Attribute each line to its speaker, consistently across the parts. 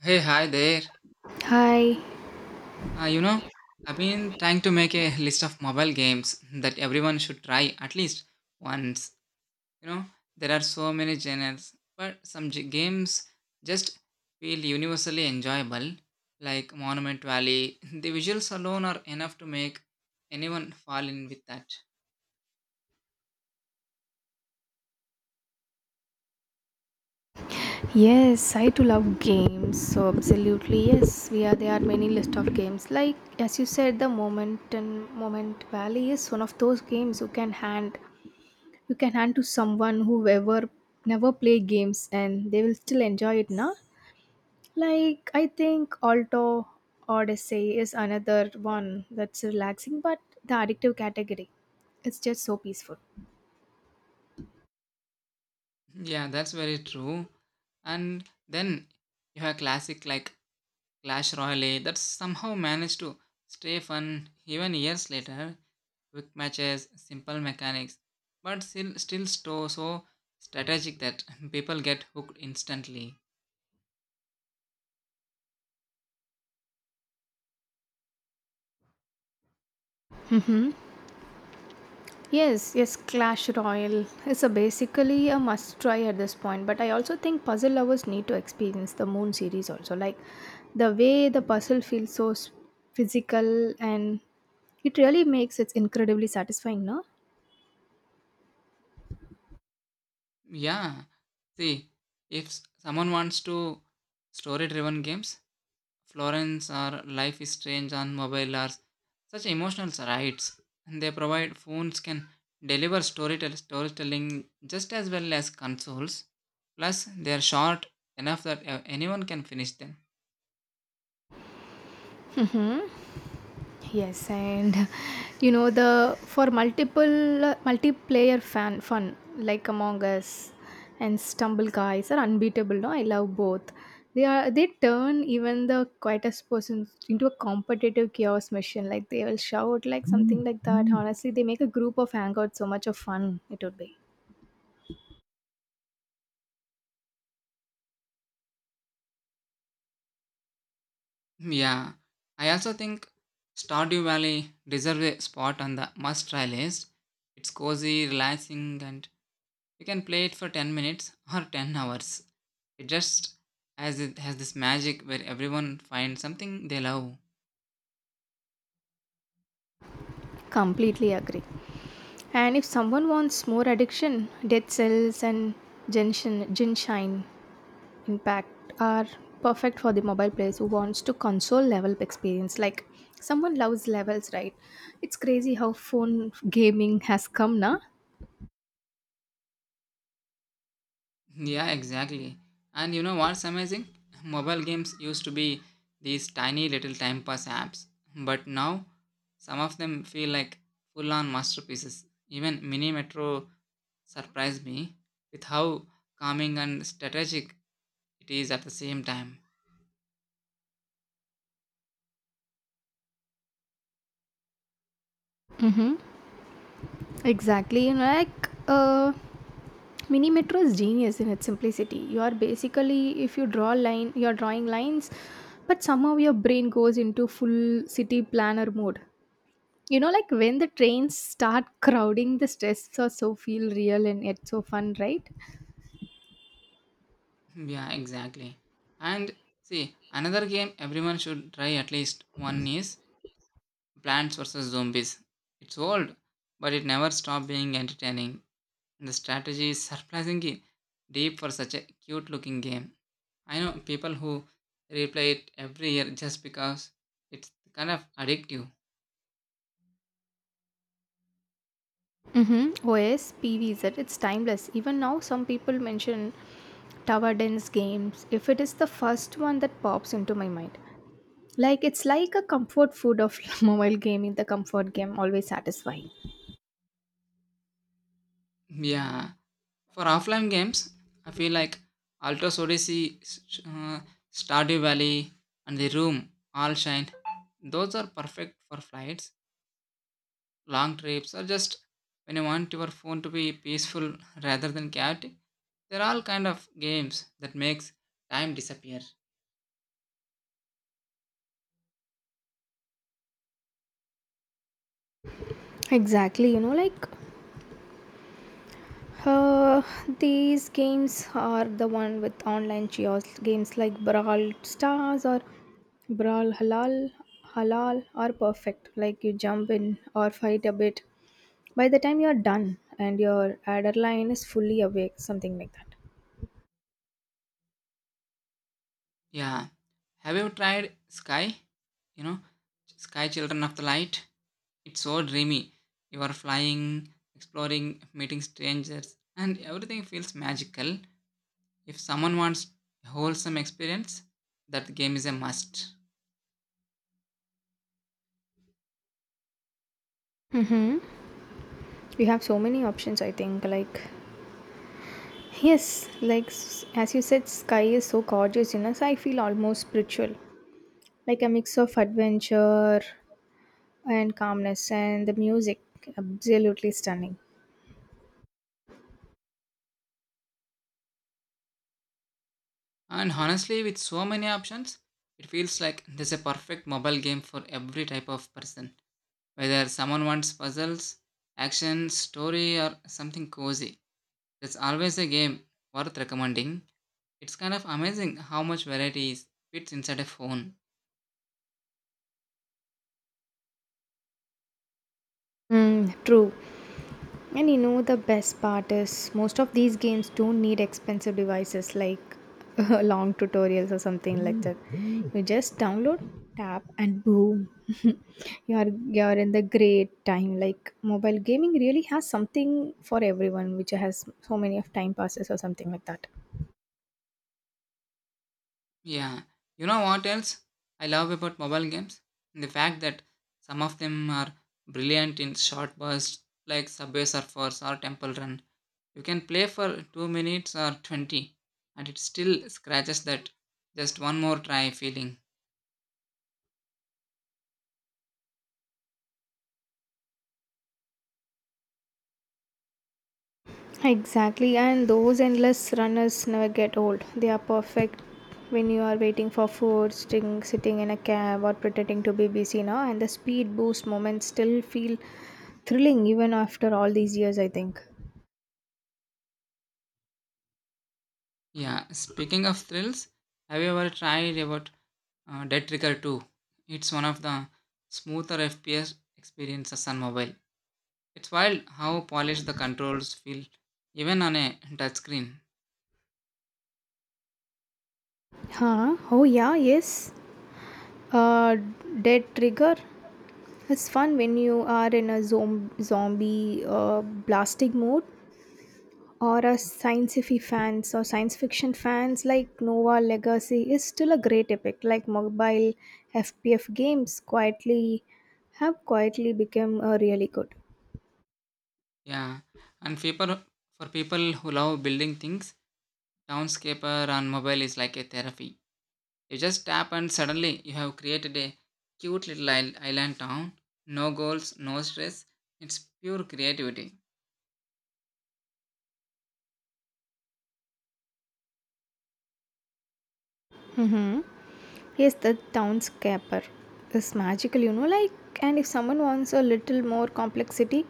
Speaker 1: Hey, hi there.
Speaker 2: Hi.
Speaker 1: Uh, you know, I've been trying to make a list of mobile games that everyone should try at least once. You know, there are so many genres, but games just feel universally enjoyable, like Monument Valley. The visuals alone are enough to make anyone fall in with that.
Speaker 2: Yes, I too love games. So absolutely yes, we are there are many list of games. Like as you said, the moment and moment valley is one of those games you can hand to someone who ever never play games and they will still enjoy it, now. Like I think Alto Odyssey is another one that's relaxing but the addictive category. It's just so peaceful.
Speaker 1: Yeah, that's very true. And then you have classic like Clash Royale that somehow managed to stay fun even years later, quick matches, simple mechanics, but still so strategic that people get hooked instantly.
Speaker 2: Yes, yes, Clash Royale is a basically a must try at this point, but I also think puzzle lovers need to experience the Moon series also. Like the way the puzzle feels so physical and it really makes it incredibly satisfying, no?
Speaker 1: Yeah, see, if someone wants to story driven games, Florence or Life is Strange on mobile are such emotional rides. They provide phones can deliver storytelling just as well as consoles. Plus, they are short enough that anyone can finish them.
Speaker 2: Yes, and you know the for multiple multiplayer fan fun like Among Us and Stumble Guys are unbeatable. No, I love both. They turn even the quietest person into a competitive chaos machine. Like they will shout like something like that. Honestly, they make a group of hangouts so much of fun it would be.
Speaker 1: Yeah, I also think Stardew Valley deserves a spot on the must try list. It's cozy, relaxing, and you can play it for 10 minutes or 10 hours. It just it has this magic where everyone finds something they love.
Speaker 2: Completely agree. And if someone wants more addiction, Dead Cells and Ginshine impact are perfect for the mobile players who wants to console level experience. Like someone loves levels, right? It's crazy how phone gaming has come now.
Speaker 1: Yeah, exactly. And you know what's amazing? Mobile games used to be these tiny little time pass apps, but now some of them feel like full on masterpieces. Even Mini Metro surprised me with how calming and strategic it is at the same time.
Speaker 2: Mm-hmm. Exactly, like Mini Metro is genius in its simplicity. You are basically, if you draw line, you are drawing lines, but somehow your brain goes into full city planner mode. You know, like when the trains start crowding, the stress are so feel real and yet so fun, right?
Speaker 1: Yeah, exactly. And see, another game everyone should try at least one is Plants vs. Zombies. It's old, but it never stopped being entertaining. And the strategy is surprisingly deep for such a cute looking game. I know people who replay it every year just because it's kind of addictive.
Speaker 2: Mm-hmm. OSPVZ, it's timeless. Even now, some people mention tower dense games if it is the first one that pops into my mind. Like, it's like a comfort food of mobile gaming, the comfort game, always satisfying.
Speaker 1: Yeah. For offline games, I feel like Altos Odyssey, uh, Stardew Valley, and The Room all shine. Those are perfect for flights, long trips, or just when you want your phone to be peaceful rather than chaotic. They're all kind of games that makes time disappear.
Speaker 2: Exactly, like Uh, these games are the one with online chaos games like Brawl Stars or Brawl Halal. Halal are perfect. Like you jump in or fight a bit. By the time you're done and your adrenaline is fully awake, something like that.
Speaker 1: Yeah. Have you tried Sky? You know, Sky Children of the Light? It's so dreamy. You are flying, exploring, meeting strangers, and everything feels magical. If someone wants a wholesome experience, that game is a must.
Speaker 2: Mm-hmm. You have so many options, I think. Like, yes, like as you said, Sky is so gorgeous, so I feel almost spiritual. Like a mix of adventure, and calmness and the music absolutely stunning.
Speaker 1: And honestly, with so many options, it feels like there's a perfect mobile game for every type of person. Whether someone wants puzzles, action, story, or something cozy, there's always a game worth recommending. It's kind of amazing how much variety is fits inside a phone.
Speaker 2: Mm, true. And you know the best part is most of these games don't need expensive devices, like long tutorials or something like that. You just download, tap, and boom. You're in the great time, like mobile gaming really has something for everyone, which has so many of time passes or something like that.
Speaker 1: Yeah. You know what else I love about mobile games? The fact that some of them are brilliant in short bursts like Subway Surfers or Temple Run. You can play for 2 minutes or 20, and it still scratches that just one more try feeling.
Speaker 2: Exactly, and those endless runners never get old. They are perfect when you are waiting for food, sitting in a cab, or pretending to be busy now. And the speed boost moments still feel thrilling even after all these years, I think.
Speaker 1: Yeah. Speaking of thrills, have you ever tried about Dead Trigger 2? It's one of the smoother FPS experiences on mobile. It's wild how polished the controls feel, even on a touchscreen.
Speaker 2: Huh? Oh, yeah, yes. Uh, Dead Trigger. It's fun when you are in a zombie blasting mode, or as science fiction fans, like Nova Legacy is still a great epic. Like mobile FPF games quietly have quietly become a really good.
Speaker 1: Yeah, and people, for people who love building things, Townscaper on mobile is like a therapy. You just tap and suddenly you have created a cute little island town. No goals, no stress. It's pure creativity.
Speaker 2: Mm-hmm. Yes, the townscaper is magical. Like, and if someone wants a little more complexity,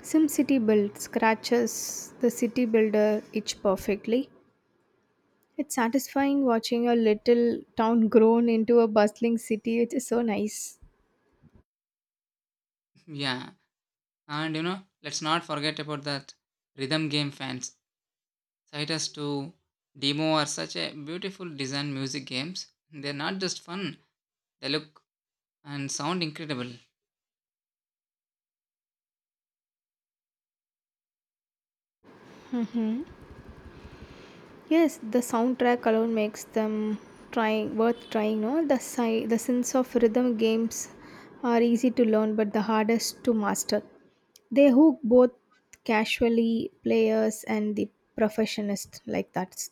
Speaker 2: SimCity Build scratches the city builder itch perfectly. It's satisfying watching a little town grown into a bustling city, which is so nice.
Speaker 1: Yeah, and you know, let's not forget about that rhythm game fans. Citus to Demo are such a beautiful design music games. They're not just fun, they look and sound incredible.
Speaker 2: Yes, the soundtrack alone makes them trying worth trying. No, the sense of rhythm games are easy to learn, but the hardest to master. They hook both casually players and the professionists like that.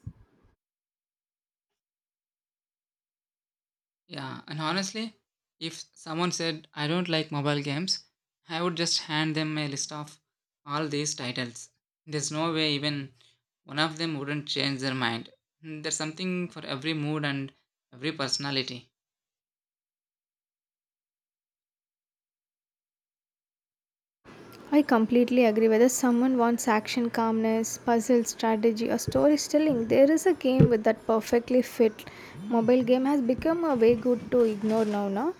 Speaker 1: Yeah, and honestly, if someone said I don't like mobile games, I would just hand them a list of all these titles. There's no way even one of them wouldn't change their mind. There's something for every mood and every personality.
Speaker 2: I completely agree. Whether someone wants action, calmness, puzzle, strategy, or storytelling, there is a game with that perfectly fit. Mobile game has become a way good to ignore now, no?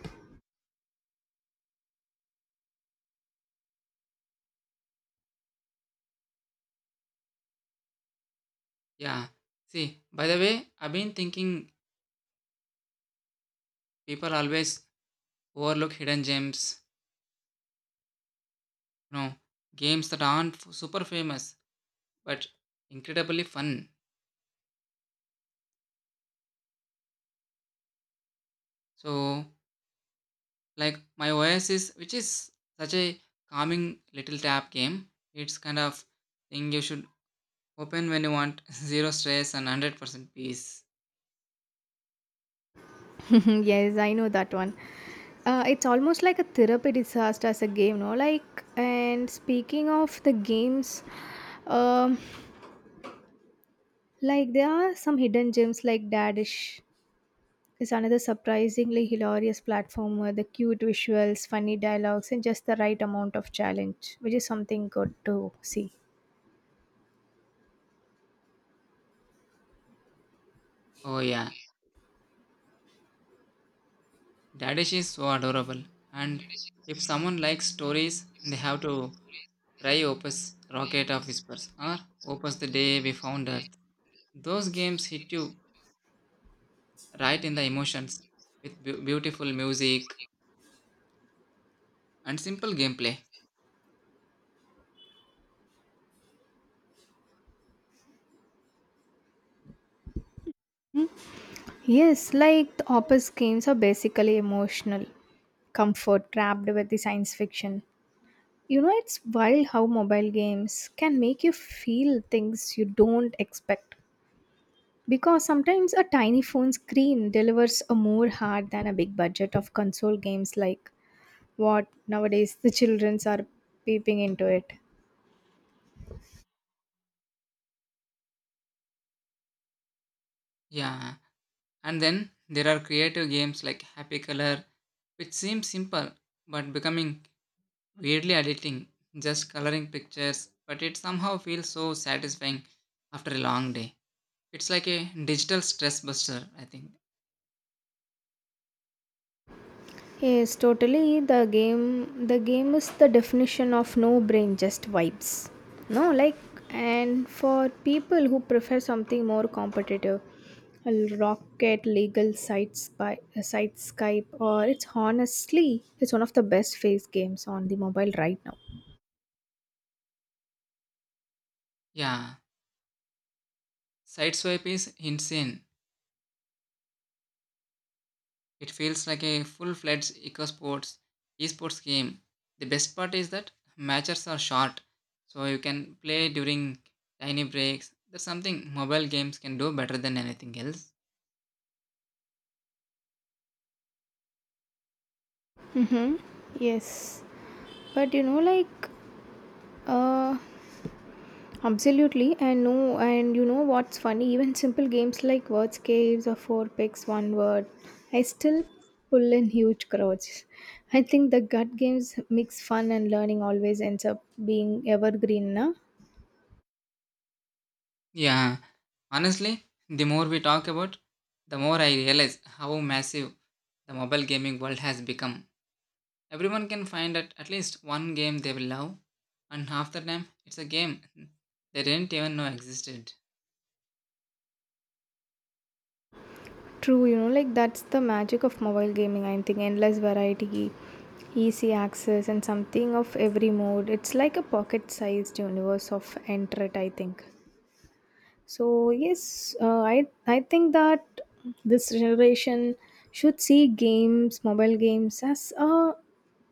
Speaker 1: Yeah. See, by the way, I've been thinking people always overlook hidden gems, you know, games that aren't super famous but incredibly fun. So, like my oasis, which is such a calming little tap game. It's kind of thing you should open when you want zero stress and 100% peace.
Speaker 2: Yes, I know that one. It's almost like a therapy disaster as a game, no? Like, and speaking of the games, um, like there are some hidden gems like Dadish is another surprisingly hilarious platform, with the cute visuals, funny dialogues, and just the right amount of challenge, which is something good to see.
Speaker 1: Oh yeah, dadish is so adorable. And if someone likes stories, they have to try opus rocket of whispers or opus the day we found earth. Those games hit you right in the emotions with beautiful music and simple gameplay.
Speaker 2: Yes, like the Opus games are basically emotional comfort wrapped with the science fiction. It's wild how mobile games can make you feel things you don't expect. Because sometimes a tiny phone screen delivers a more heart than a big budget of console games, like what nowadays the childrens are peeping into it.
Speaker 1: Yeah, and then there are creative games like happy color. It seems simple, but becoming weirdly addicting, just coloring pictures, but it somehow feels so satisfying after a long day. It's like a digital stress buster, I think.
Speaker 2: Yes, totally. The game is the definition of no brain, just vibes. No, like, and for people who prefer something more competitive, a Rocket Legal Sites by Site Skype, or, it's honestly, it's one of the best face games on the mobile right now.
Speaker 1: Yeah, Sideswipe is insane. It feels like a full-fledged esports game. The best part is that matches are short, so you can play during tiny breaks. That's something mobile games can do better than anything else.
Speaker 2: Yes, but like, uh, absolutely, and no, and you know what's funny? Even simple games like Words Caves or Four Picks One Word, I still pull in huge crowds. I think the gut games mix fun and learning always ends up being evergreen, na?
Speaker 1: Yeah, honestly, the more we talk about, the more I realize how massive the mobile gaming world has become. Everyone can find at least one game they will love, and half the time it's a game they didn't even know existed.
Speaker 2: True, like that's the magic of mobile gaming. I think endless variety, easy access, and something of every mode. It's like a pocket-sized universe of entret. I think. So yes, I think that this generation should see mobile games as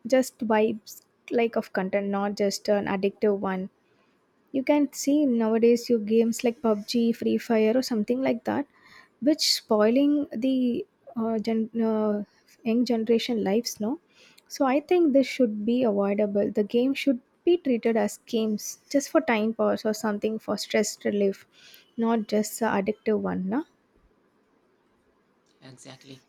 Speaker 2: just vibes like of content, not just an addictive one. You can see nowadays your games like PUBG, Free Fire, or something like that, which spoiling the uh, gen- uh, young generation lives. No, so I think this should be avoidable. The game should be treated as games just for time pass or something for stress relief, not just a addictive one. No?
Speaker 1: Exactly.